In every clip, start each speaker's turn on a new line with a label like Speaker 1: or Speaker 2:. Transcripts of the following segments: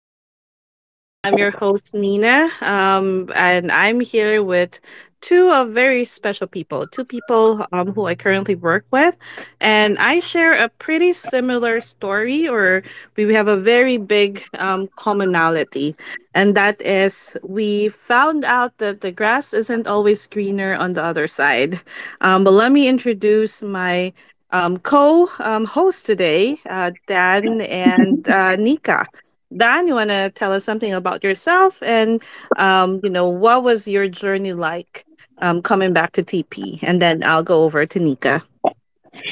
Speaker 1: podcast. I'm your host Nina, and I'm here with two of very special people, two people who I currently work with, and I share a pretty similar story, or we have a very big commonality, and that is we found out that the grass isn't always greener on the other side. But let me introduce my co host today, Dan and Nika. Dan, you want to tell us something about yourself and, you know, what was your journey like coming back to TP? And then I'll go over to Nika.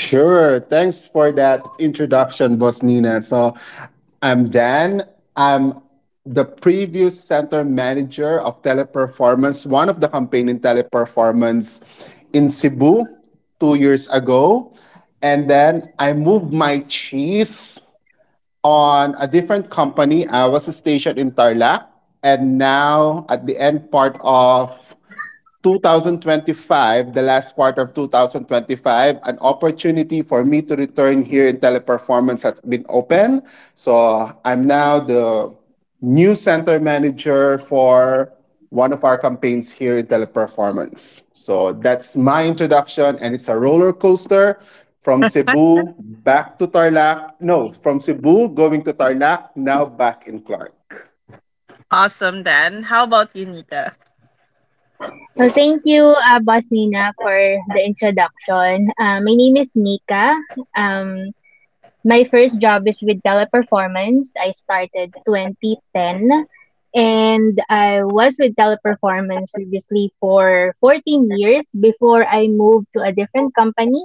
Speaker 2: Sure. Thanks for that introduction, Boss Nina. So I'm Dan. I'm the previous center manager of Teleperformance, one of the campaign in Teleperformance in Cebu 2 years ago. And then I moved my cheese on a different company. I was stationed in Tarlac. And now at the end part of 2025, the last quarter of 2025, an opportunity for me to return here in Teleperformance has been open. So I'm now the new center manager for one of our campaigns here in Teleperformance. So that's my introduction, and it's a roller coaster from Cebu back to Tarlac. No, from Cebu going to Tarlac, now back in Clark.
Speaker 1: Awesome, Dan. How about you, Nika?
Speaker 3: Well, thank you, Boss Nina, for the introduction. My name is Nika. Um, my first job is with Teleperformance. I started 2010, and I was with Teleperformance previously for 14 years before I moved to a different company.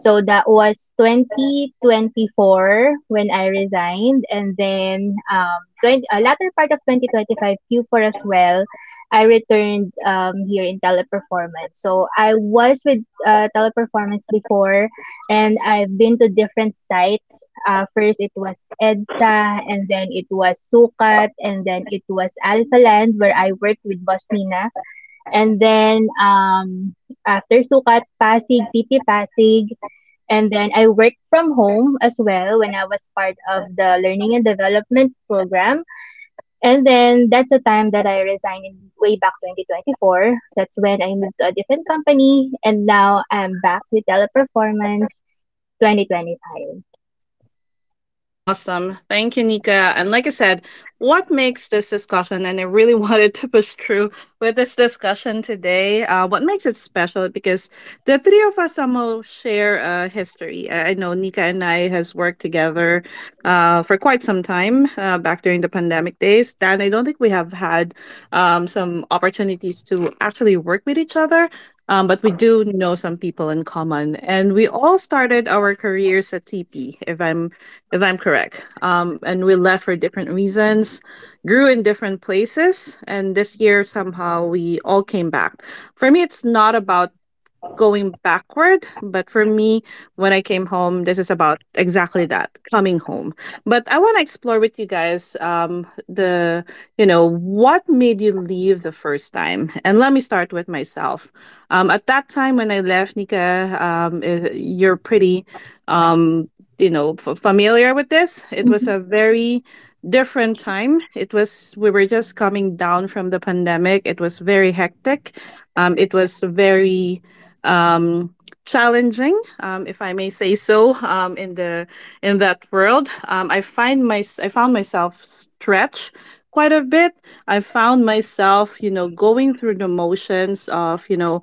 Speaker 3: So that was 2024 when I resigned, and then latter part of 2025 Q4 as well. I returned here in Teleperformance. So I was with Teleperformance before, and I've been to different sites. First, it was EDSA, and then it was Sukat, and then it was Alphaland, where I worked with Boss Nina. And then after Sukat, Pasig, TP Pasig. And then I worked from home as well when I was part of the learning and development program. And then that's the time that I resigned in way back 2024. That's when I moved to a different company. And now I'm back with Teleperformance 2025.
Speaker 1: Awesome. Thank you, Nika. And like I said, what makes this discussion, and I really wanted to push through with this discussion today, what makes it special? Because the three of us somehow share a history. I know Nika and I has worked together for quite some time back during the pandemic days. And I don't think we have had some opportunities to actually work with each other. But we do know some people in common, and we all started our careers at TP. If I'm correct. And we left for different reasons, grew in different places, and this year somehow we all came back. For me, it's not about going backward. But for me, when I came home, this is about exactly that coming home. But I want to explore with you guys the, you know, what made you leave the first time? And let me start with myself. At that time when I left, Nika, you're pretty, um, you know, familiar with this. It was a very different time. It was, we were just coming down from the pandemic. It was very hectic it was very um, challenging, if I may say so, in the in that world. I find my I found myself stretched quite a bit. I found myself, you know, going through the motions of, you know,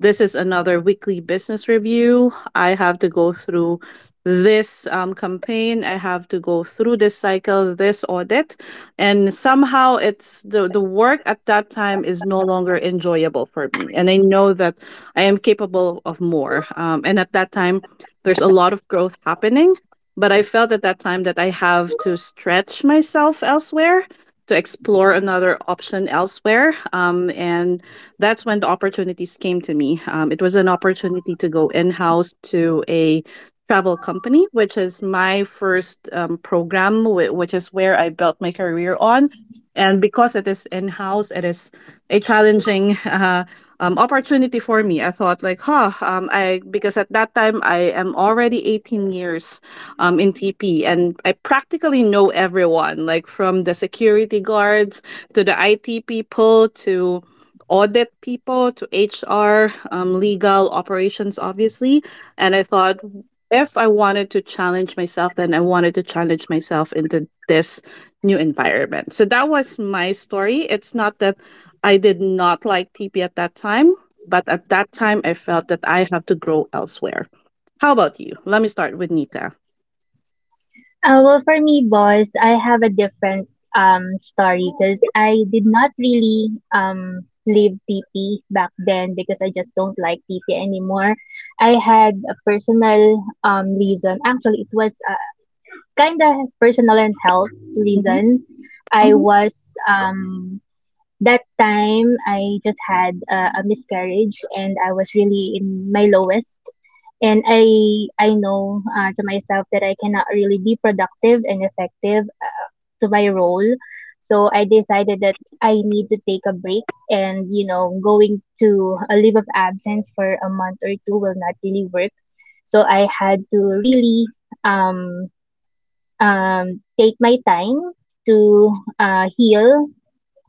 Speaker 1: this is another weekly business review. I have to go through this campaign. I have to go through this cycle, this audit, and somehow it's the work at that time is no longer enjoyable for me. And I know that I am capable of more. And at that time, there's a lot of growth happening. But I felt at that time that I have to stretch myself elsewhere to explore another option elsewhere. And that's when the opportunities came to me. It was an opportunity to go in house to a travel company, which is my first program, which is where I built my career on. And because it is in house, it is a challenging opportunity for me. I thought like, huh, I because at that time I am already 18 years in TP and I practically know everyone, like from the security guards to the IT people to audit people to HR, legal operations, obviously. And I thought if I wanted to challenge myself, then I wanted to challenge myself into this new environment. So that was my story. It's not that I did not like TP at that time, but at that time I felt that I have to grow elsewhere. How about you? Let me start with Nika.
Speaker 3: Well, for me, boss, I have a different story, because I did not really leave TP back then because I just don't like TP anymore. I had a personal reason. Actually, it was kind of personal and health
Speaker 1: Hmm.
Speaker 3: reason. I
Speaker 1: Hmm.
Speaker 3: was um that time, I just had a miscarriage, and I was really in my lowest, and I know, to myself, that I cannot really be productive and effective, to my role. So I decided that I need to take a break, and you know, going to a leave of absence for a month or two will not really work. So I had to really um take my time to heal,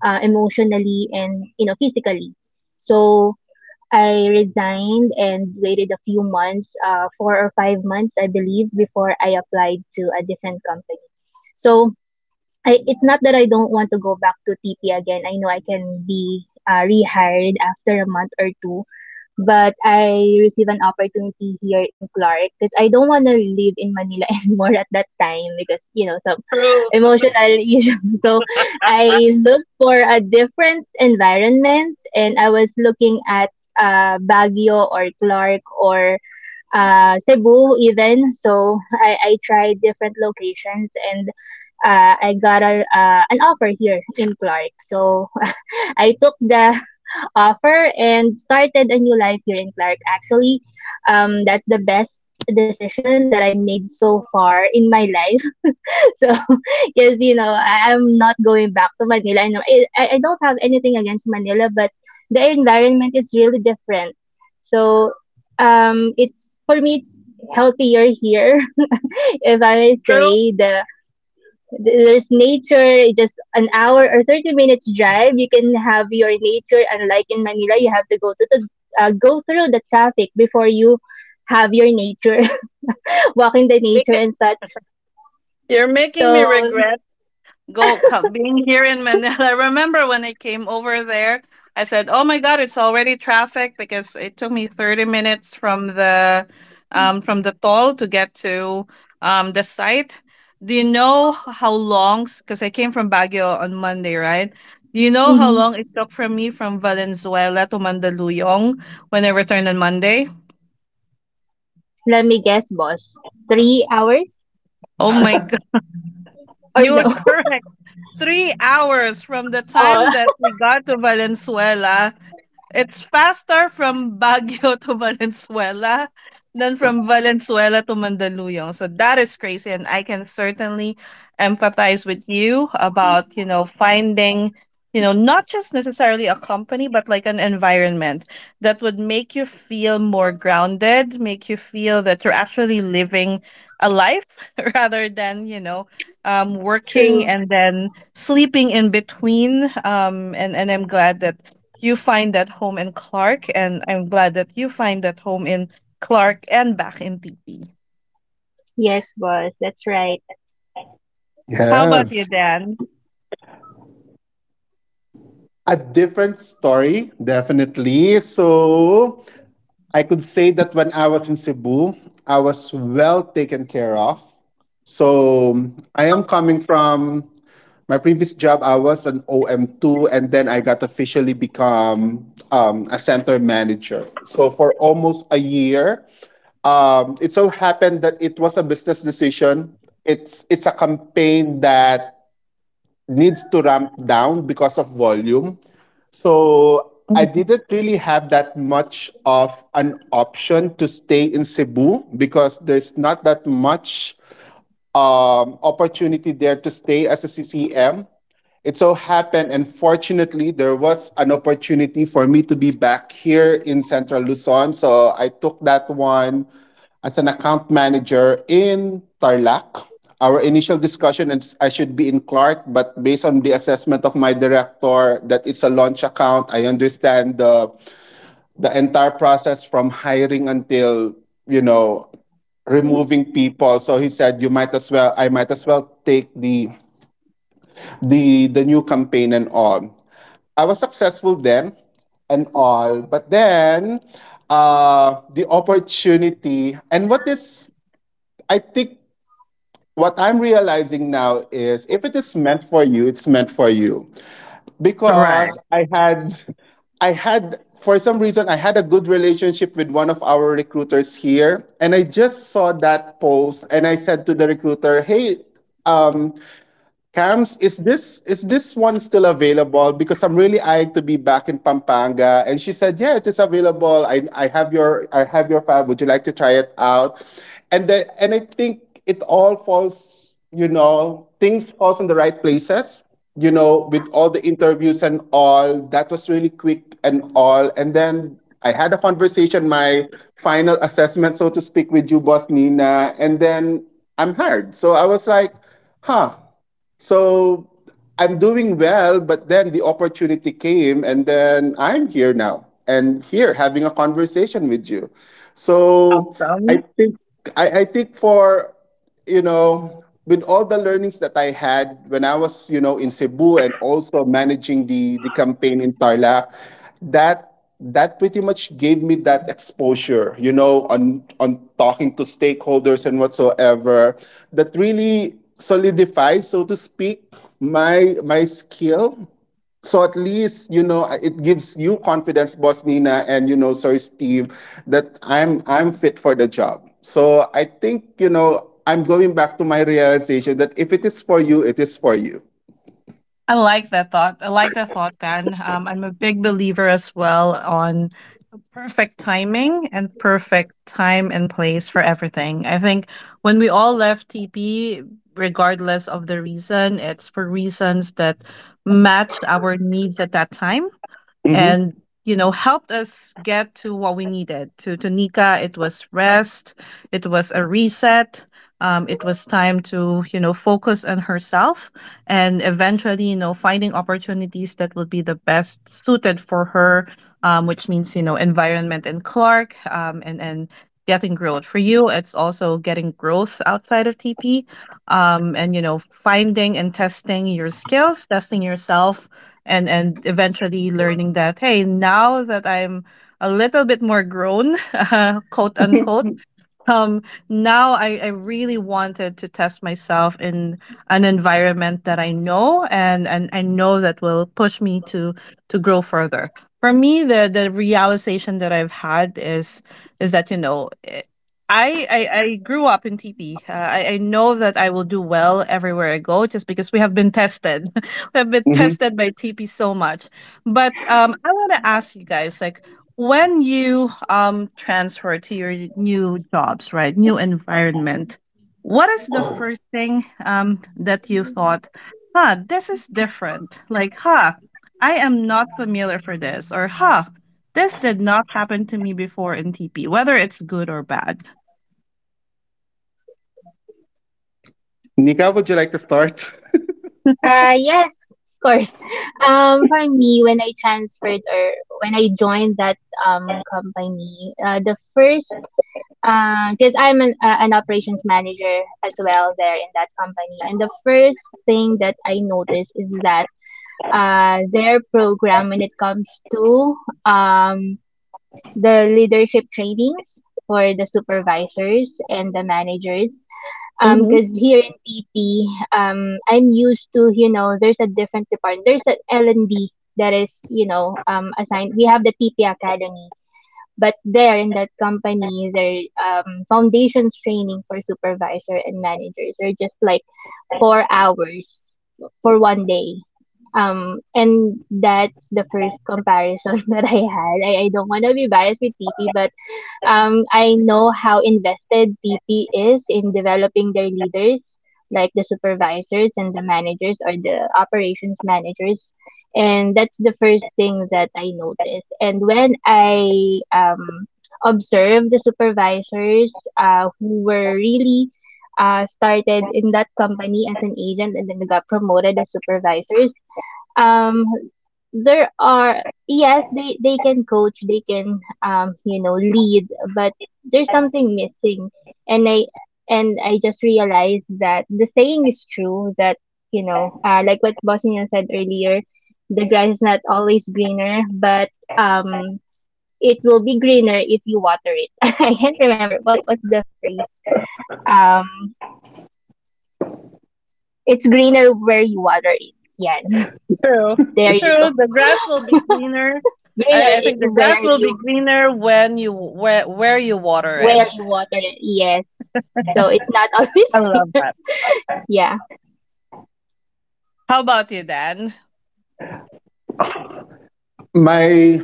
Speaker 3: emotionally and, you know, physically. So I resigned and waited a few months, 4 or 5 months, I believe, before I applied to a different company. So it's not that I don't want to go back to TP again. I know I can be rehired after a month or two, but I received an opportunity here in Clark because I don't want to live in Manila anymore at that time because, you know, some emotional issues. So I looked for a different environment, and I was looking at Baguio or Clark or Cebu even. So I tried different locations, and I got an offer here in Clark. So I took the offer and started a new life here in Clark. Actually, that's the best decision that I made so far in my life. So, because you know, I'm not going back to Manila. I know I don't have anything against Manila, but the environment is really different. So, it's for me, it's healthier here, if I may
Speaker 1: True.
Speaker 3: say there's nature, just an hour or 30 minutes drive. You can have your nature. Unlike in Manila, you have to go to the go through the traffic before you have your nature, walking the nature
Speaker 1: Because
Speaker 3: and such.
Speaker 1: you're making me
Speaker 3: So
Speaker 1: regret being here in Manila. I remember when I came over there, I said, "Oh my God, it's already traffic because it took me 30 minutes from the toll to get to the site." Do you know how long? Because I came from Baguio on Monday, right? Do you know how
Speaker 3: mhm.
Speaker 1: long it took from me from Valenzuela to Mandaluyong when I returned on Monday?
Speaker 3: Let me guess, boss. 3 hours,
Speaker 1: Oh my God,
Speaker 3: or
Speaker 1: you were
Speaker 3: no?
Speaker 1: correct. 3 hours from the time
Speaker 3: Oh,
Speaker 1: that we got to Valenzuela. It's faster from Baguio to Valenzuela than from Valenzuela to Mandaluyong. So that is crazy. And I can certainly empathize with you about, you know, finding, you know, not just necessarily a company, but like an environment that would make you feel more grounded, make you feel that you're actually living a life rather than, you know, working
Speaker 3: true.
Speaker 1: and then sleeping in between. And I'm glad that you find that home in Clark, and I'm glad that you find that home in Clark and back in TP.
Speaker 3: Yes, boss. That's right.
Speaker 1: How about you,
Speaker 2: Yes.
Speaker 1: Dan?
Speaker 2: A different story, definitely. So I could say that when I was in Cebu, I was well taken care of. So I am coming from my previous job. I was an OM2, and then I got officially become a center manager. So for almost a year, it so happened that it was a business decision. It's a campaign that needs to ramp down because of volume. So I didn't really have that much of an option to stay in Cebu because there's not that much opportunity there to stay as a CCM. It so happened, and fortunately, there was an opportunity for me to be back here in Central Luzon. So I took that one as an account manager in Tarlac. Our initial discussion is I should be in Clark, but based on the assessment of my director that it's a launch account, I understand the entire process from hiring until you know
Speaker 1: Mhm.
Speaker 2: removing people. So he said you might as well I might as well take the new campaign and all. I was successful then and all, but then the opportunity and what is I think what I'm realizing now is if it is meant for you, it's meant for you
Speaker 1: Right.
Speaker 2: because I had for some reason I had a good relationship with one of our recruiters here, and I just saw that post and I said to the recruiter, "Hey, um Cams, is this one still available? Because I'm really eyeing to be back in Pampanga." And she said, "Yeah, it is available. I have your I have your fab. Would you like to try it out?" And the, and I think it all falls, you know, things falls in the right places. You know, with all the interviews and all, that was really quick and all. And then I had a conversation, my final assessment, so to speak, with you, Boss Nina, and then I'm hired. So I was like, huh, so I'm doing well, but then the opportunity came, and then I'm here now and here having a conversation with you. So
Speaker 1: Awesome.
Speaker 2: I think I think for you know, with all the learnings that I had when I was, you know, in Cebu and also managing the campaign in Tarlac, that that pretty much gave me that exposure, you know, on talking to stakeholders and whatsoever. That really solidifies, so to speak, my skill, so at least you know it gives you confidence, Boss Nina, and you know, Sir Steve, that I'm fit for the job. So I think you know I'm going back to my realization that if it is for you, it is for you.
Speaker 1: I like that thought. I like that thought, Dan. I'm a big believer as well on perfect timing and perfect time and place for everything. I think when we all left TP, regardless of the reason, it's for reasons that matched our needs at that time
Speaker 2: Mm-hmm.
Speaker 1: and you know helped us get to what we needed to nika it was rest it was a reset, it was time to you know focus on herself and eventually you know finding opportunities that will be the best suited for her, which means you know environment and clark and getting growth for you it's also getting growth outside of tp, and you know finding and testing your skills testing yourself and eventually learning that hey now that I'm a little bit more grown quote unquote, um now I really wanted to test myself in an environment that I know and I know that will push me to grow further. For me the realization that I've had is that you know I grew up in TP. I know that I will do well everywhere I go just because we have been tested. We have been
Speaker 2: Mm-hmm.
Speaker 1: tested by TP so much. But I want to ask you guys like when you transfer to your new jobs right new environment, what is the first thing that you thought huh this is different like huh I am not familiar for this or huh this did not happen to me before in tp whether it's good or bad.
Speaker 2: Nika, would you like to start?
Speaker 3: Yes, of course. For me, when I transferred, or when I joined that company, the first, because I'm an operations manager as well there in that company. And the first thing that I noticed is that, their program when it comes to, um, the leadership trainings for the supervisors and the managers.
Speaker 1: Mm-hmm.
Speaker 3: Because here in PP, I'm used to, you know, there's a different department. There's an L and D that is, you know, assigned. We have the TP Academy, but there in that company, their foundations training for supervisor and managers are just like 4 hours for one day. And that's the first comparison that I had. I don't want to be biased with TP, but I know how invested TP is in developing their leaders, like the supervisors and the managers, or the operations managers. And that's the first thing that I noticed. And when I observe the supervisors, who were really, started in that company as an agent and then got promoted as supervisors, um, there are, yes, they can coach, they can, you know, lead, but there's something missing, and I just realized that the saying is true, that, you know, like what bosnia said earlier, the grass is not always greener, but um it will be greener if you water it. I can't remember what's the phrase. um it's greener where you water it. Yeah.
Speaker 1: True.
Speaker 3: There you go.
Speaker 1: True. The grass will be greener.
Speaker 3: greener
Speaker 1: I think
Speaker 3: i-
Speaker 1: the grass
Speaker 3: where
Speaker 1: will
Speaker 3: you
Speaker 1: be greener when you where you water
Speaker 3: where
Speaker 1: it.
Speaker 3: you water it. Yes. So it's not always
Speaker 1: I love
Speaker 3: clear.
Speaker 1: that.
Speaker 3: Yeah.
Speaker 1: How about you, Dan?
Speaker 2: My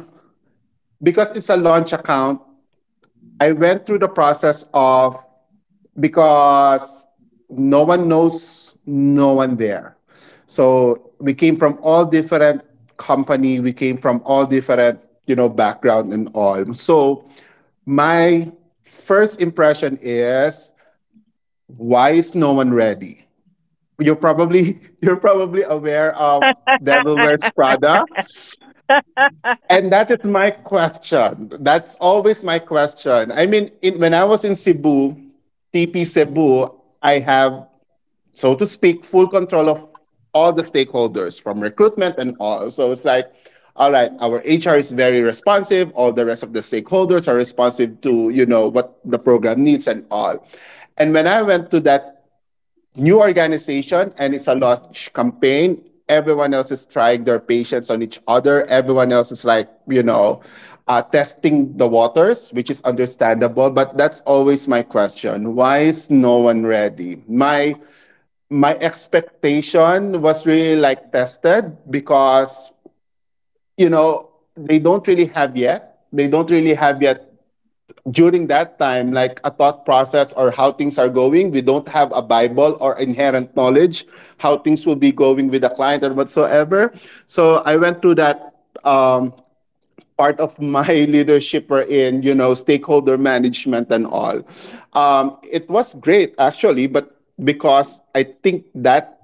Speaker 2: because it's a launch account, I went through the process of because no one knows no one there. So we came from all different company, we came from all different, you know, background and all. So my first impression is why is no one ready? You're probably you're probably aware of Devil Wears Prada. And that is my question. That's always my question. I mean, in, when I was in Cebu, TP Cebu, I have so to speak, full control of all the stakeholders from recruitment and all. So it's like, all right, our HR is very responsive. All the rest of the stakeholders are responsive to, you know, what the program needs and all. And when I went to that new organization and it's a launch campaign, everyone else is trying their patience on each other. Everyone else is like, you know, testing the waters, which is understandable. But that's always my question. Why is no one ready? My expectation was really like tested because you know they don't really have yet they don't really have yet during that time like a thought process or how things are going. We don't have a bible or inherent knowledge how things will be going with the client or whatsoever. So I went through that part of my leadership were in, you know, stakeholder management and all. It was great actually, but because I think that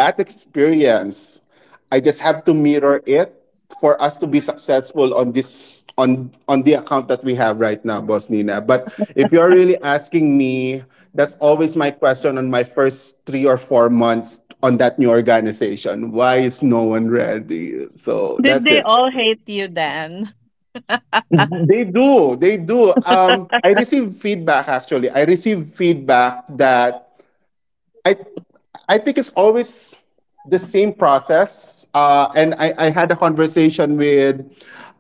Speaker 2: that experience, I just have to mirror it for us to be successful on this on the account that we have right now, Boss Nina. But if you're really asking me, that's always my question on my first 3 or 4 months on that new organization. Why is no one ready? So
Speaker 1: Did
Speaker 2: that's
Speaker 1: they
Speaker 2: it.
Speaker 1: all hate you, Dan?
Speaker 2: They do. They do. I received feedback actually. I received feedback that I I think it's always the same process. And I had a conversation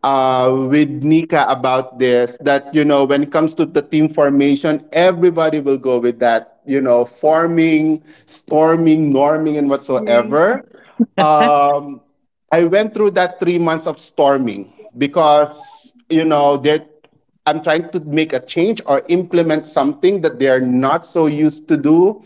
Speaker 2: with Nika about this that you know when it comes to the team formation, everybody will go with that you know forming, storming, norming, and
Speaker 3: Right.
Speaker 2: whatsoever. Um, I went through that 3 months of storming because you know that I'm trying to make a change or implement something that they are not so used to do.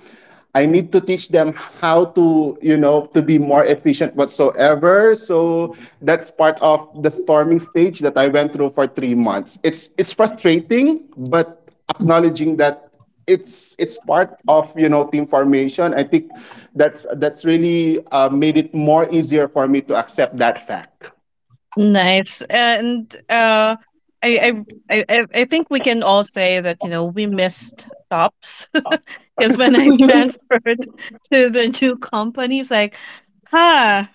Speaker 2: I need to teach them how to, you know, to be more efficient whatsoever. So that's part of the storming stage that I went through for 3 months. It's frustrating, but acknowledging that it's part of you know team formation. I think that's really made it more easier for me to accept that fact.
Speaker 1: Nice. And I I think we can all say that, you know, we missed tops. Because when I transferred to the new company, it's like, huh,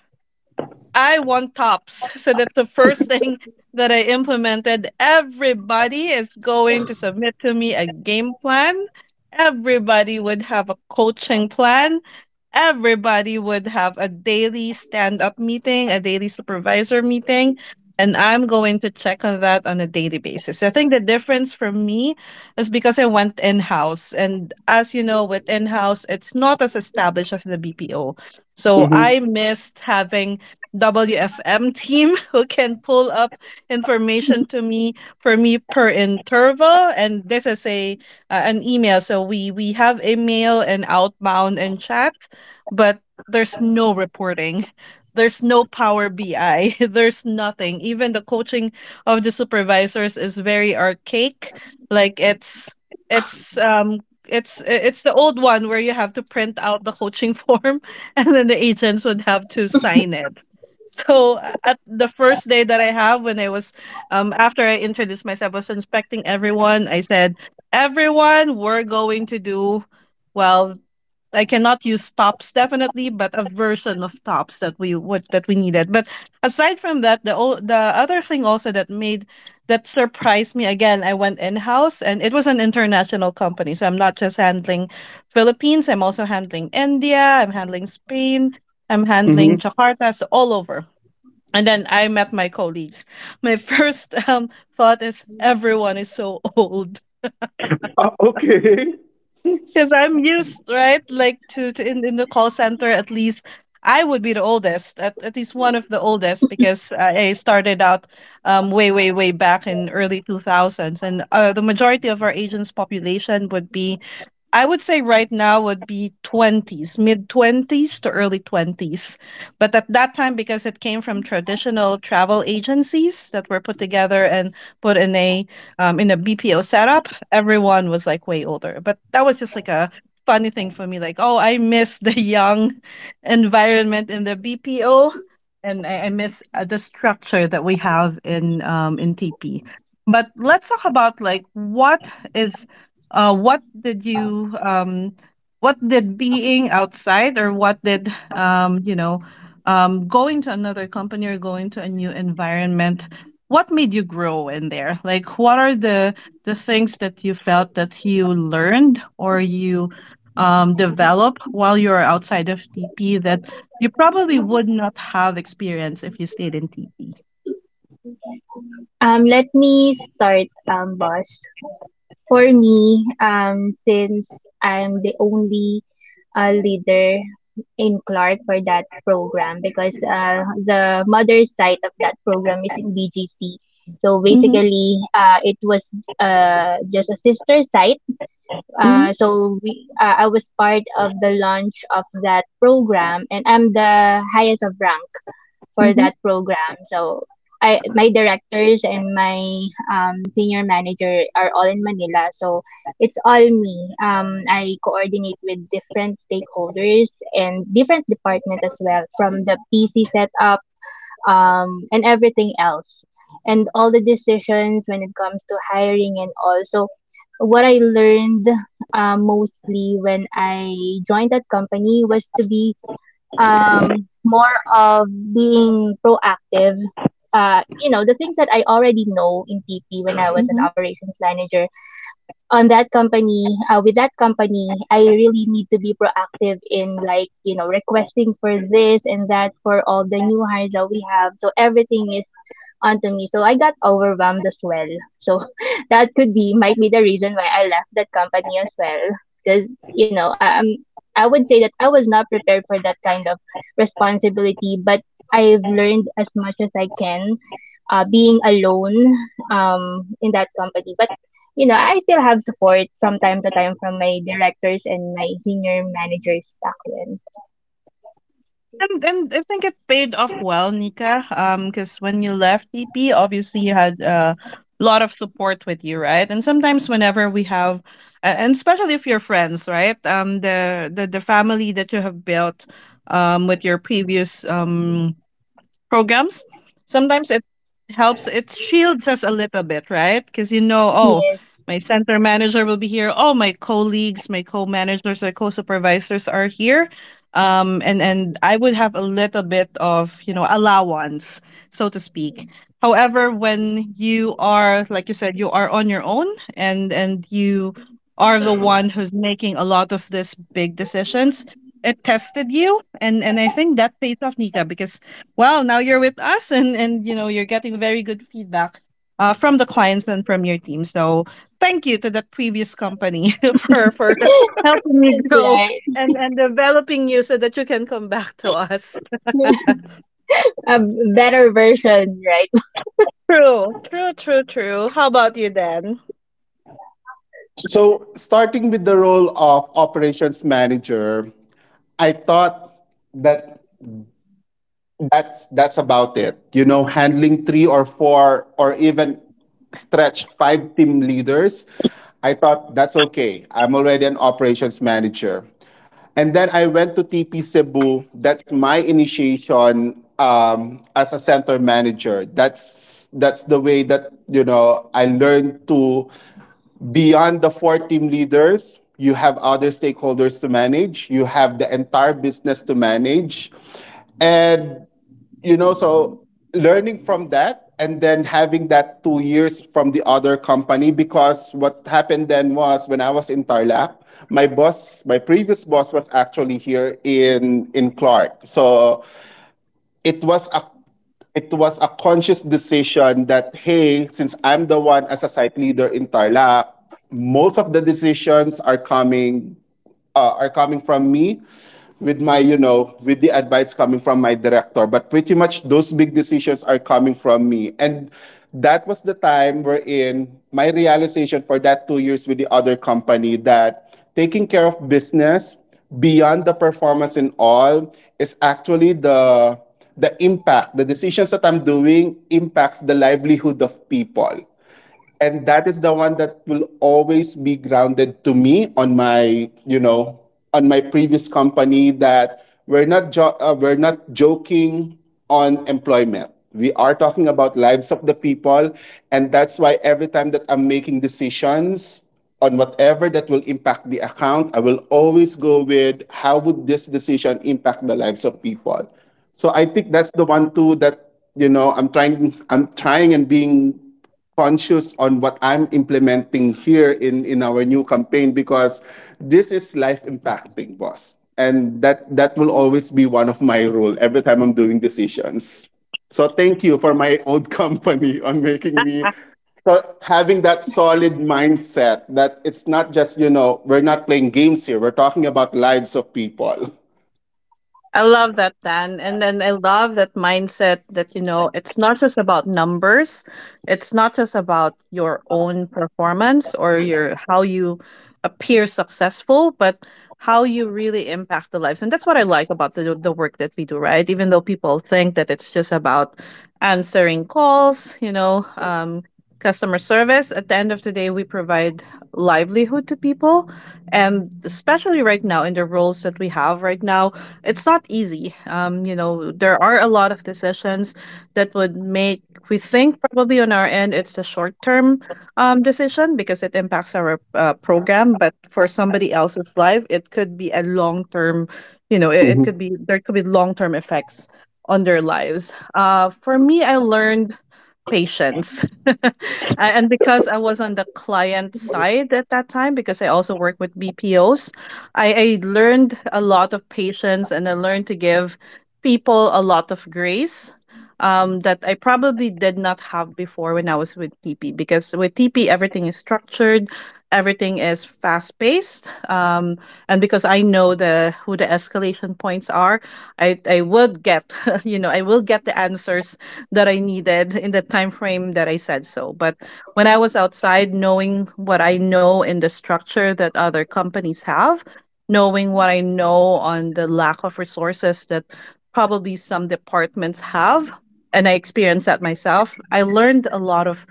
Speaker 1: I want tops. So that's the first thing that I implemented. Everybody is going to submit to me a game plan. Everybody would have a coaching plan. Everybody would have a daily stand up meeting, a daily supervisor meeting. And I'm going to check on that on a daily basis. I think the difference for me is because I went in house. And as you know, with in house, it's not as established as the BPO. So
Speaker 2: Mm-hmm.
Speaker 1: I missed having WFM team who can pull up information to me for me per interval and this is a an email so we have a mail and outbound and chat but there's no reporting, there's no power bi. There's nothing, even the coaching of the supervisors is very archaic like it's um it's the old one where you have to print out the coaching form and then the agents would have to sign it. So at the first day that I have, when I was after I introduced myself, I was inspecting everyone. I said, "Everyone, we're going to do well. I cannot use tops definitely, but a version of tops that we would that we needed. But aside from that, the other thing also that surprised me again, I went in house and it was an international company, so I'm not just handling Philippines, I'm also handling India, I'm handling Spain, I'm handling
Speaker 2: Mm-hmm.
Speaker 1: Jakarta, so all over. And then I met my colleagues. My first thought is everyone is so old.
Speaker 2: Okay.
Speaker 1: Because I'm used, right? In the call center, at least I would be the oldest, at least one of the oldest, because I started out way, way, way back in early 2000s. And the majority of our agents' population would be, I would say right now, would be 20s, mid 20s to early 20s. But at that time, because it came from traditional travel agencies that were put together and put in a BPO setup, everyone was like way older. But that was just like a funny thing for me. Like, oh, I miss the young environment in the BPO, and I miss the structure that we have in in TP. But let's talk about uh, what did you um, what did being outside or what did um you know going to another company or going to a new environment, what made you grow in there? Like, what are the things that you felt that you learned or you develop while you're outside of TP that you probably would not have experienced if you stayed in TP?
Speaker 3: Let me start, boss. For me, since I'm the only leader in Clark for that program, because the mother site of that program is in BGC. So
Speaker 1: Mm-hmm.
Speaker 3: basically, it was just a sister site.
Speaker 1: Mm-hmm.
Speaker 3: I was part of the launch of that program, and I'm the highest of rank for
Speaker 1: Mm-hmm.
Speaker 3: that program. So my directors and my senior manager are all in Manila. So it's all me. I coordinate with different stakeholders and different department as well, from the PC setup, and everything else, and all the decisions when it comes to hiring and all. So, what I learned, mostly when I joined that company, was to be more of being proactive. You know, the things that I already know in TP when I was an operations manager, on that company with that company, I really need to be proactive in, like, you know, requesting for this and that for all the new hires that we have, so everything is onto me, so I got overwhelmed as well. So that could be might be the reason why I left that company as well, because you know, I would say that I was not prepared for that kind of responsibility, but I've learned as much as I can, being alone in that company. But you know, I still have support from time to time from my directors and my senior managers back then.
Speaker 1: And I think it paid off well, Nika. Because when you left TP, obviously you had a lot of support with you, right? And sometimes whenever we have, and especially if you're friends, right? The family that you have built with your previous programs, sometimes it helps, it shields us a little bit, right? Because, you know, oh,
Speaker 3: Yes.
Speaker 1: my center manager will be here. Oh, my colleagues, my co-managers, my co-supervisors are here. And I would have a little bit of, you know, allowance, so to speak. However, when you are, like you said, you are on your own, and you are the one who's making a lot of these big decisions, it tested you. And I think that pays off, Nika, because, well, now you're with us, and, you know, you're getting very good feedback from the clients and from your team. So thank you to that previous company for helping me
Speaker 3: That's
Speaker 1: grow
Speaker 3: right.
Speaker 1: and developing you so that you can come back to us.
Speaker 3: A better version, right?
Speaker 1: True, true, true, true. How about you, Dan?
Speaker 2: So, starting with the role of operations manager, I thought that that's about it. You know, handling three or four or even stretch five team leaders, I thought that's okay. I'm already an operations manager. And then I went to TP Cebu. That's my initiation as a center manager. That's the way that you know I learned to beyond the four team leaders. You have other stakeholders to manage. You have the entire business to manage, and you know so learning from that and then having that 2 years from the other company because what happened then was when I was in Tarlac, my boss my previous boss was actually here in Clark. So it was a it was a conscious decision that hey since I'm the one as a site leader in Tarlac, most of the decisions are coming from me with my you know with the advice coming from my director, but pretty much those big decisions are coming from me. And that was the time wherein my realization for that 2 years with the other company that taking care of business beyond the performance and all is actually the impact the decisions that I'm doing impacts the livelihood of people. And that is the one that will always be grounded to me on my you know on my previous company that we're not we're not joking on employment. We are talking about lives of the people. And that's why every time that I'm making decisions on whatever that will impact the account, I will always go with how would this decision impact the lives of people. So I think that's the one too that you know I'm trying and being conscious on what I'm implementing here in our new campaign because this is life impacting, boss. And that that will always be one of my role every time I'm doing decisions. So thank you for my old company on making me so having that solid mindset that it's not just, you know, we're not playing games here. We're talking about lives of people.
Speaker 1: I love that, Dan. And then I love that mindset that, you know, it's not just about numbers. It's not just about your own performance or your how you appear successful, but how you really impact the lives. And that's what I like about the work that we do, right? Even though people think that it's just about answering calls, you know, customer service, at the end of the day, we provide livelihood to people. And especially right now, in the roles that we have right now, it's not easy. You know, there are a lot of decisions that would make we think probably on our end it's a short term decision because it impacts our program, but for somebody else's life, it could be a long term. You know, it could
Speaker 2: Mhm.
Speaker 1: be there could be long term effects on their lives. For me, I learned patience. And because I was on the client side at that time, because I also work with BPOs, I learned a lot of patience, and I learned to give people a lot of grace that I probably did not have before when I was with TP. Because with TP, everything is structured, everything is fast paced. And because I know the who the escalation points are, I would get, you know, I will get the answers that I needed in the time frame that I said so. But when I was outside, knowing what I know in the structure that other companies have, knowing what I know on the lack of resources that probably some departments have, and I experienced that myself, I learned a lot of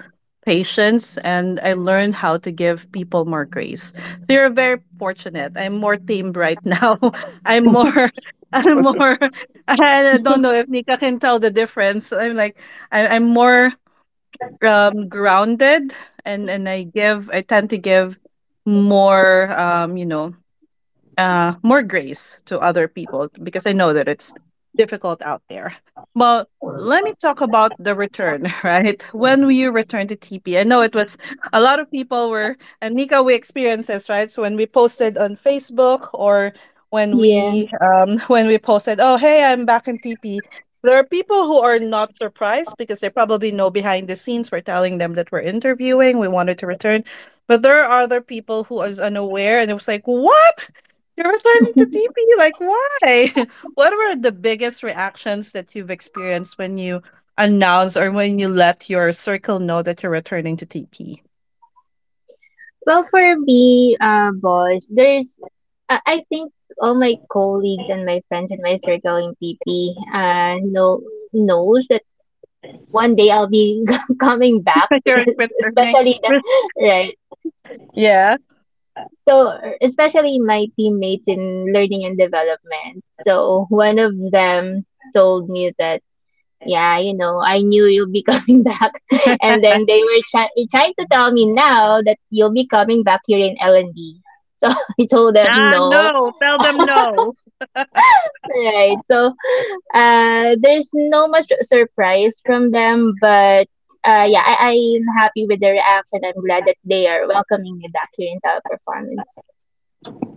Speaker 1: patience, and I learned how to give people more grace. So you're very fortunate. I'm more tamed right now. I'm more. I'm more. I don't know if Nika can tell the difference. I'm like I'm more grounded, and I give. I tend to give more. You know, more grace to other people because I know that it's difficult out there. Well, let me talk about the return, right? When we returned to TP, I know it was a lot of people were, and Nika, we experienced this, right? So when we posted on Facebook, or when
Speaker 3: Yeah.
Speaker 1: we when we posted, oh, hey, I'm back in TP. There are people who are not surprised because they probably know behind the scenes we're telling them that we're interviewing, we wanted to return. But there are other people who is unaware and it was like, what? You're returning to TP. Like, why? What were the biggest reactions that you've experienced when you announce or when you let your circle know that you're returning to TP?
Speaker 3: Well, for me, boss, I think all my colleagues and my friends in my circle in PP, knows that one day I'll be coming back,
Speaker 1: That you're
Speaker 3: because
Speaker 1: returning.
Speaker 3: especially the
Speaker 1: Re-
Speaker 3: right.
Speaker 1: Yeah.
Speaker 3: So, especially my teammates in learning and development. So, one of them told me that, yeah, you know, I knew you'll be coming back. And then they were trying to tell me now that you'll be coming back here in L&D. So, I told them
Speaker 1: Ah,
Speaker 3: no.
Speaker 1: no. Tell them no.
Speaker 3: Right. So, there's no much surprise from them, but yeah, I'm happy with the reaction. I'm glad that they are welcoming me back here in teleperformance.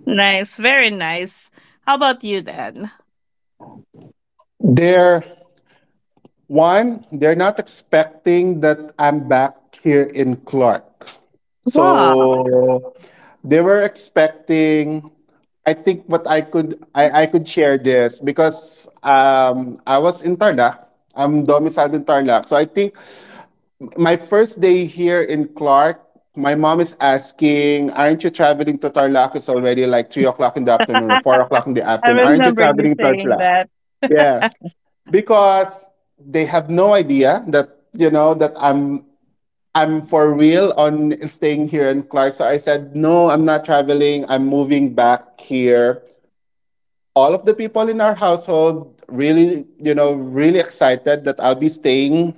Speaker 1: Nice. Very nice. How about you then?
Speaker 2: There. One, they're not expecting that I'm back here in Clark.
Speaker 1: Wow.
Speaker 2: So they were expecting I think what I could I could share this because I was in Tarlac. I'm domiciled in Tarlac. So I think my first day here in Clark, my mom is asking, "Aren't you traveling to Tarlac? It's already like 3 o'clock in the afternoon or 4 o'clock in the
Speaker 1: I
Speaker 2: afternoon. Aren't you
Speaker 1: remember you
Speaker 2: traveling to
Speaker 1: saying
Speaker 2: Tarlac?"
Speaker 1: that.
Speaker 2: Yes because they have no idea that you know that I'm for real on staying here in Clark. So I said, no, I'm not traveling. I'm moving back here. All of the people in our household really, really excited that I'll be staying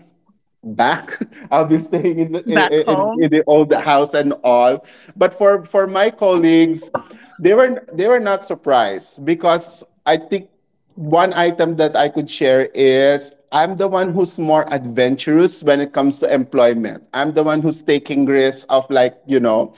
Speaker 2: back. I'll be staying in,
Speaker 1: Back
Speaker 2: in,
Speaker 1: home.
Speaker 2: in the old house and all. But for my colleagues, they were not surprised because I think one item that I could share is I'm the one who's more adventurous when it comes to employment. I'm the one who's taking risks of like,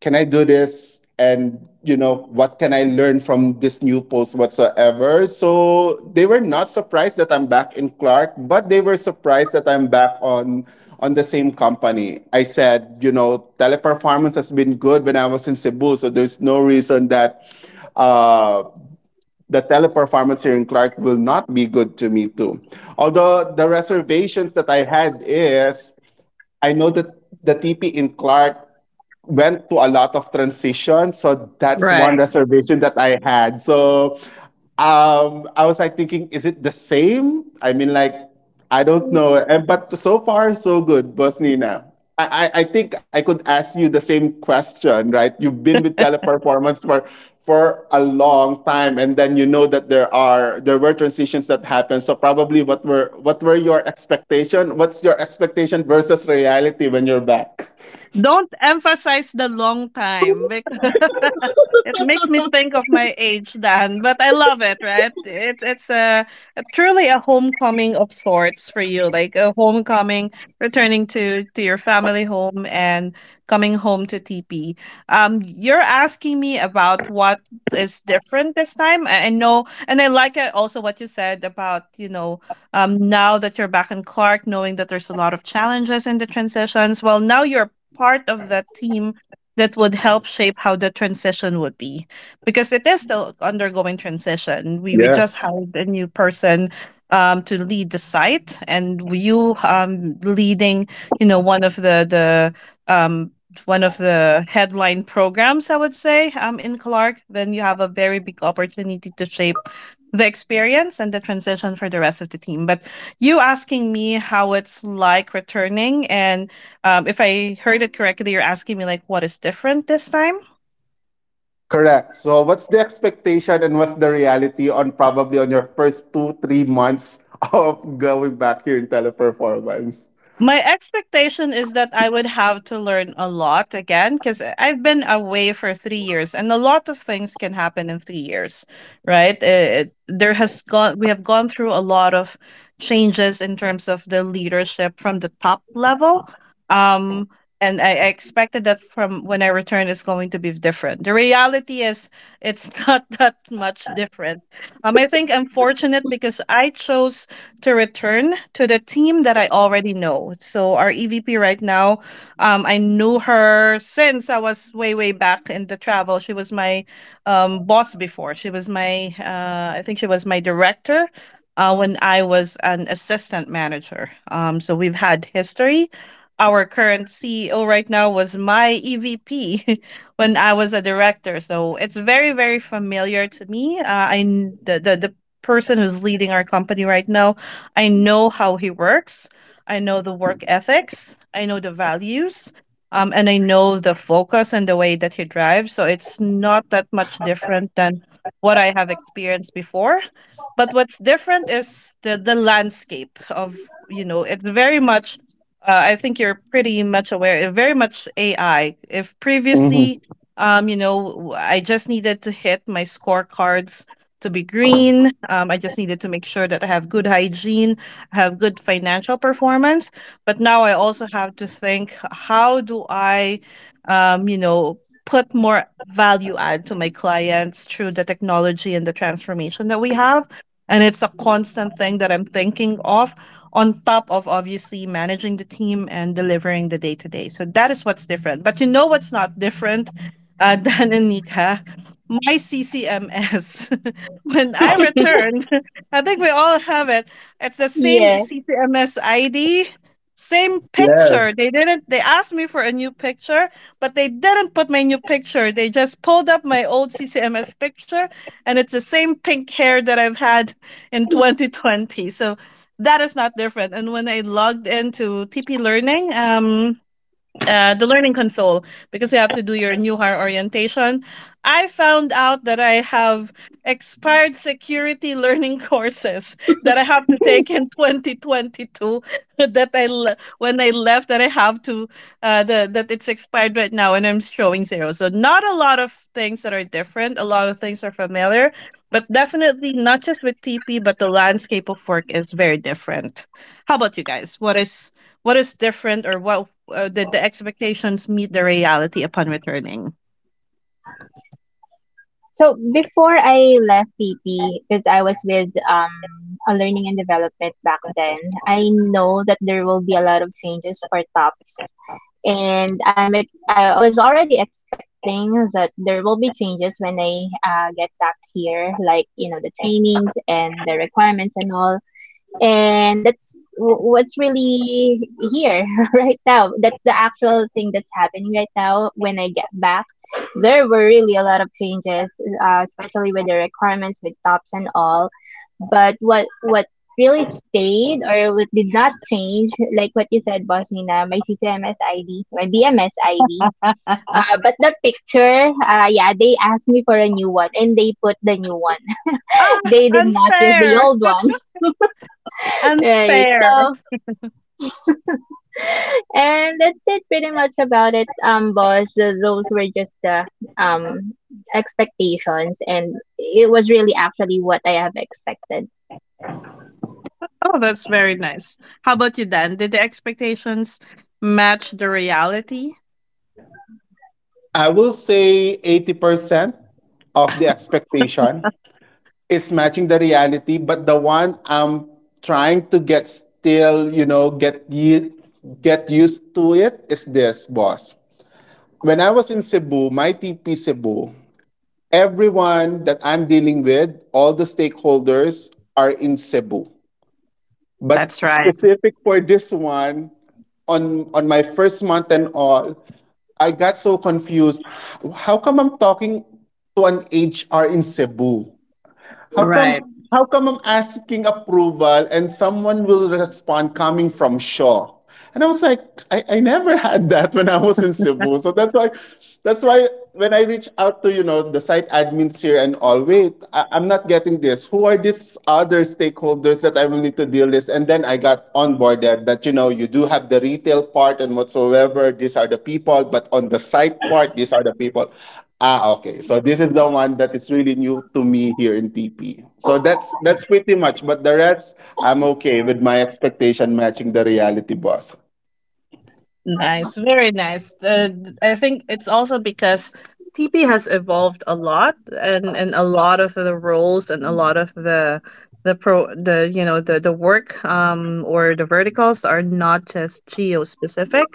Speaker 2: can I do this? And what can I learn from this new post whatsoever? So they were not surprised that I'm back in Clark, but they were surprised that I'm back on the same company. I said, teleperformance has been good when I was in Cebu, so there's no reason that uh the teleperformance here in Clark will not be good to me too. Although the reservations that I had is I know that the TP in Clark went to a lot of transition. So that's one
Speaker 1: Right.
Speaker 2: reservation that I had. So I was like thinking, is it the same? I mean, like, I don't know. Eh, but so far, so good, Boss Nina. I think I could ask you the same question, right? You've been with teleperformance for a long time, and then you know that there are there were transitions that happened. So probably, what were your expectation? What's your expectation versus reality when you're back?
Speaker 1: Don't emphasize the long time because it makes me think of my age, Dan, but I love it, right? It's a truly a homecoming of sorts for you, like a homecoming, returning to your family home and coming home to TP. You're asking me about what is different this time. I know, and I like it also what you said about, you know, now that you're back in Clark, knowing that there's a lot of challenges in the transitions. Well, now you're part of that team that would help shape how the transition would be, because it is still undergoing transition. We just
Speaker 2: Yes.
Speaker 1: hired a new person to lead the site, and you, leading, you know, one of the um, one of the headline programs, I would say, in Clark, then you have a very big opportunity to shape the experience and the transition for the rest of the team. But you asking me how it's like returning, and if I heard it correctly, you're asking me like what is different this time.
Speaker 2: Correct. So what's the expectation and what's the reality on probably on your first two, three months of going back here in teleperformance?
Speaker 1: My expectation is that I would have to learn a lot again because I've been away for 3 years, and a lot of things can happen in 3 years, right? There has gone We have gone through a lot of changes in terms of the leadership from the top level, um, and I expected that from when I return is going to be different. The reality is it's not that much different. I think I'm fortunate because I chose to return to the team that I already know. So our EVP right now, I knew her since I was way way back in the travel. She was my boss before. She was my I think she was my director. When I was an assistant manager. So we've had history. Our current CEO right now was my EVP when I was a director. So it's very, very familiar to me. The, the person who's leading our company right now, I know how he works. I know the work ethics. I know the values. And I know the focus and the way that he drives. So it's not that much different than what I have experienced before. But what's different is the landscape of, you know, it's very much, I think you're pretty much aware, very much AI. If previously,
Speaker 2: Mhm.
Speaker 1: you know, I just needed to hit my scorecards to be green. I just needed to make sure that I have good hygiene, have good financial performance. But now I also have to think how do I, you know, put more value add to my clients through the technology and the transformation that we have. And it's a constant thing that I'm thinking of on top of obviously managing the team and delivering the day to day. So that is what's different. But you know what's not different, Dan and Nika? My CCMS. When I returned, I think we all have it. It's the same CCMS ID, same
Speaker 2: Yes.
Speaker 1: picture. They didn't. They asked me for a new picture, but they didn't put my new picture. They just pulled up my old CCMS picture, and it's the same pink hair that I've had in 2020. So that is not different. And when I logged into TP Learning, the learning console, because you have to do your new hire orientation. I found out that I have expired security learning courses that I have to take in 2022 when I left, that I have to that it's expired right now, and I'm showing zero. So not a lot of things that are different. A lot of things are familiar, but definitely not just with TP, but the landscape of work is very different. How about you guys? What is different, or what did the expectations meet the reality upon returning?
Speaker 3: So before I left TP, because I was with a learning and development back then, I know that there will be a lot of changes for TOPS, and I was already expecting that there will be changes when I get back here, like you know, the trainings and the requirements and all. And that's what's really here right now. That's the actual thing that's happening right now when I get back. There were really a lot of changes, especially with the requirements with tops and all. But what really stayed or what did not change, like what you said, boss nina, my ccms id, my bms id, but the picture, yeah, they asked me for a new one and they put the new one.
Speaker 1: Ah,
Speaker 3: They did not use the
Speaker 1: unfair.
Speaker 3: old one. Right.
Speaker 1: Unfair.
Speaker 3: So and that's it pretty much about it, boss. Those were just the um expectations, and it was really actually what I have expected.
Speaker 1: Oh, that's very nice. How about you, Dan? Did the expectations match the reality?
Speaker 2: I will say 80% of the expectation it's matching the reality, but the one I'm trying to get still, get used to it is this, boss. When I was in Cebu, my TP Cebu, everyone that I'm dealing with, all the stakeholders are in Cebu. But
Speaker 1: That's right.
Speaker 2: specific for this one, on my first month and all, I got so confused. How come I'm talking to an HR in Cebu?
Speaker 1: Right.
Speaker 2: How come I'm asking approval and someone will respond coming from Shaw? And I was like, I never had that when I was in Cebu. So that's why when I reach out to, the site admins here and all, wait, I, I'm not getting this. Who are these other stakeholders that I will need to deal with? And then I got onboarded that, you do have the retail part and whatsoever, these are the people, but on the site part, these are the people. Ah, okay. So this is the one that is really new to me here in TP. So that's pretty much. But the rest, I'm okay with my expectation matching the reality, boss.
Speaker 1: Nice, very nice. I think it's also because TP has evolved a lot, and a lot of the roles and a lot of the pro the you know the work or the verticals are not just geo specific.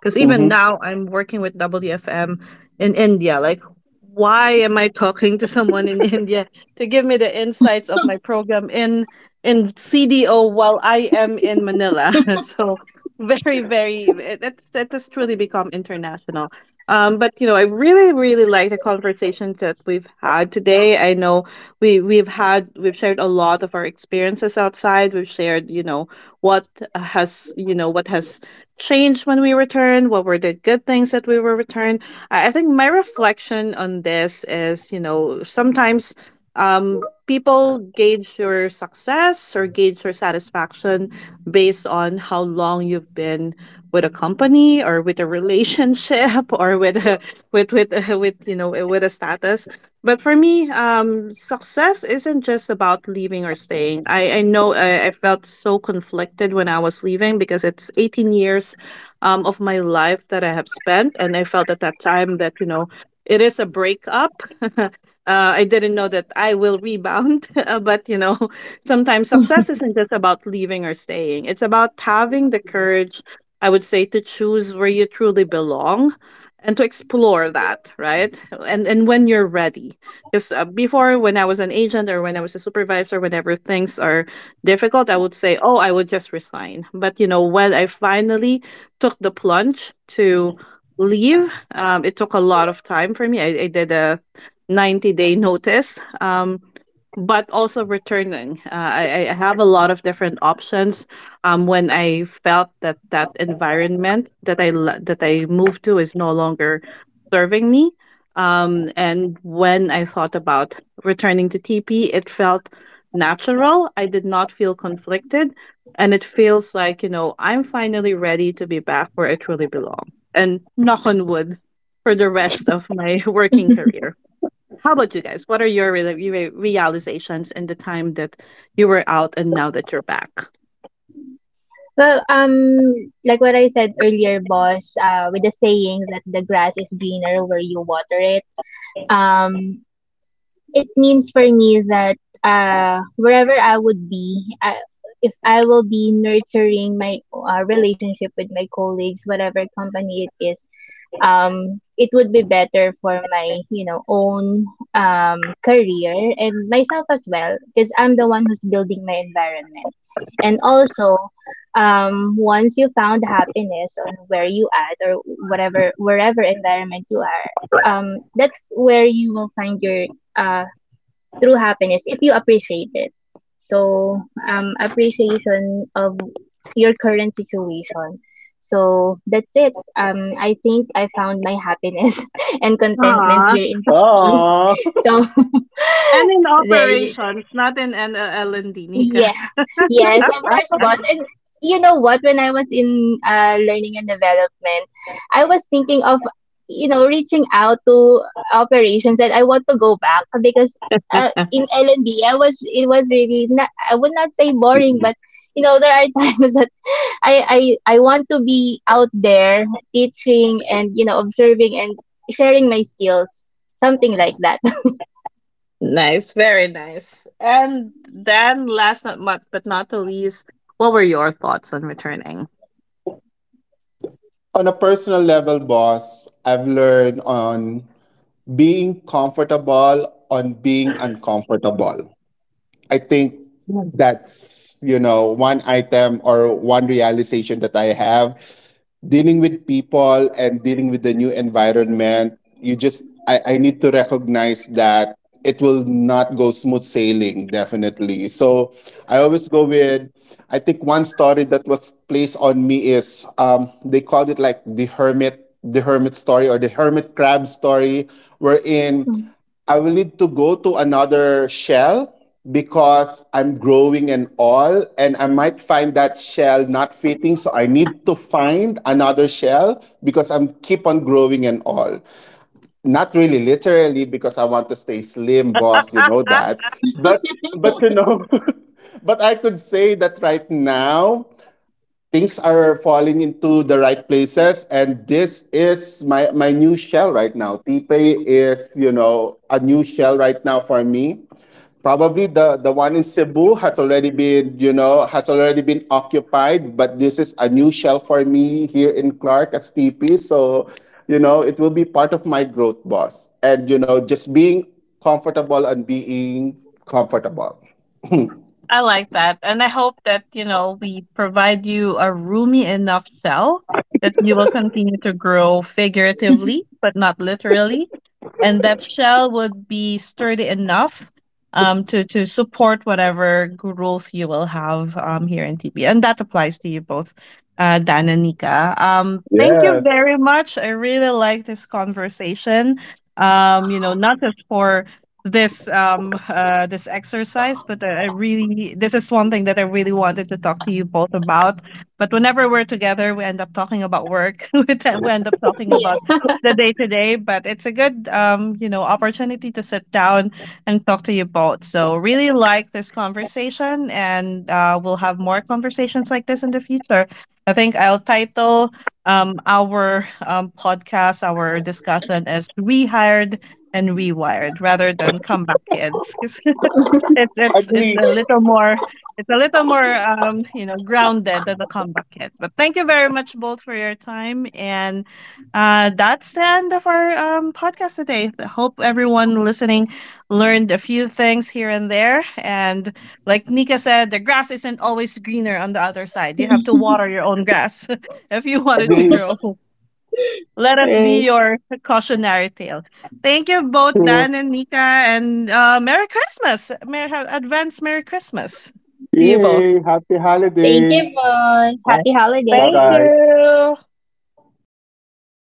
Speaker 1: Because even
Speaker 2: Mm-hmm.
Speaker 1: now, I'm working with WFM in India. Like, why am I talking to someone in India to give me the insights of my program in CDO while I am in Manila? So very, very, it has truly become international. But, you know, I really really like the conversations that we've had today. I know, we we've had we've shared a lot of our experiences outside. We've shared, what what has changed when we returned, what were the good things that we were returned. I think my reflection on this is, sometimes um people gauge your success or gauge your satisfaction based on how long you've been with a company, or with a relationship, or with a, with with with you know with a status. But for me, success isn't just about leaving or staying. I know, I felt so conflicted when I was leaving because it's 18 years of my life that I have spent, and I felt at that time that it is a breakup. uh, I didn't know that I will rebound. But, sometimes success isn't just about leaving or staying. It's about having the courage, I would say, to choose where you truly belong and to explore that, right? And when you're ready. Because before, when I was an agent or when I was a supervisor, whenever things are difficult, I would say, oh, I would just resign. But, when I finally took the plunge to leave, it took a lot of time for me. I did a 90-day notice. But also returning. I have a lot of different options. When I felt that that environment that I moved to is no longer serving me, and when I thought about returning to TP, it felt natural. I did not feel conflicted, and it feels like I'm finally ready to be back where I truly belong. And knock on wood for the rest of my working career. How about you guys? What are your realizations in the time that you were out and now that you're back?
Speaker 3: Well, like what I said earlier, boss, with the saying that the grass is greener where you water it, um, it means for me that, wherever I would be, if I will be nurturing my relationship with my colleagues, whatever company it is, it would be better for my, you know, own um, career and myself as well, because I'm the one who's building my environment. And also, once you found happiness on where you at, or whatever, wherever environment you are, that's where you will find your uh, true happiness if you appreciate it. So, appreciation of your current situation. So, that's it. I think I found my happiness and contentment
Speaker 1: Ah,
Speaker 3: here in Fiji.
Speaker 2: Aww.
Speaker 3: So,
Speaker 1: And in
Speaker 3: there you.
Speaker 1: operations, not in NLL and Dinika.
Speaker 3: Yeah, yes, of course, boss. And you know what? When I was in learning and development, I was thinking of, you know, reaching out to operations, and I want to go back, because in L&D, it was really not, I would not say boring, but you know, there are times that I want to be out there teaching, and, you know, observing and sharing my skills, something like that.
Speaker 1: Nice, very nice. And then last, not, but not the least, what were your thoughts on returning?
Speaker 2: On a personal level, boss, I've learned on being comfortable on being uncomfortable. I think that's one item or one realization that I have dealing with people and dealing with the new environment you just I need to recognize that it will not go smooth sailing definitely. So I always go with I think one story that was placed on me is they called it like the hermit story or the hermit crab story, wherein I will need to go to another shell because I'm growing and all, and I might find that shell not fitting, so I need to find another shell because I'm keep on growing and all. Not really literally because I want to stay slim, boss. You know that. But but but I could say that right now things are falling into the right places, and this is my my new shell right now. Tipe is a new shell right now for me. Probably the one in Cebu has already been, has already been occupied, but this is a new shell for me here in Clark as TP. So, it will be part of my growth, boss. And, just being comfortable and being comfortable.
Speaker 1: I like that. And I hope that, we provide you a roomy enough shell that you will continue to grow figuratively, but not literally. And that shell would be sturdy enough to support whatever growth you will have here in TB. And that applies to you both, Dan and Nika. Thank you
Speaker 2: Yes.
Speaker 1: very much. I really like this conversation. Not just for this exercise, but I really this is one thing that I really wanted to talk to you both about. But whenever we're together, we end up talking about work. We end up talking about
Speaker 3: Yeah.
Speaker 1: the day to day. But it's a good, opportunity to sit down and talk to you both. So really like this conversation, and we'll have more conversations like this in the future. I think I'll title our podcast, our discussion as Rehired and Rewired rather than Comeback Kids. 'Cause it's it's it's
Speaker 2: Agree.
Speaker 1: a little more it's a little more, grounded than the comeback kid. But thank you very much both for your time. And that's the end of our podcast today. I hope everyone listening learned a few things here and there. And like Nika said, the grass isn't always greener on the other side. You have to water your own grass if you want it to
Speaker 2: Agree.
Speaker 1: grow. Let us be
Speaker 3: Right.
Speaker 1: your cautionary tale. Thank you both,
Speaker 2: True.
Speaker 1: Dan and Nika, and Merry Christmas. Merry, have advance Merry Christmas to you both.
Speaker 2: Yay. Happy
Speaker 3: Thank you,
Speaker 2: holidays.
Speaker 3: boss.
Speaker 1: Right.
Speaker 3: Happy
Speaker 2: Bye
Speaker 1: Thank
Speaker 3: holidays.
Speaker 2: bye.
Speaker 1: you. All right.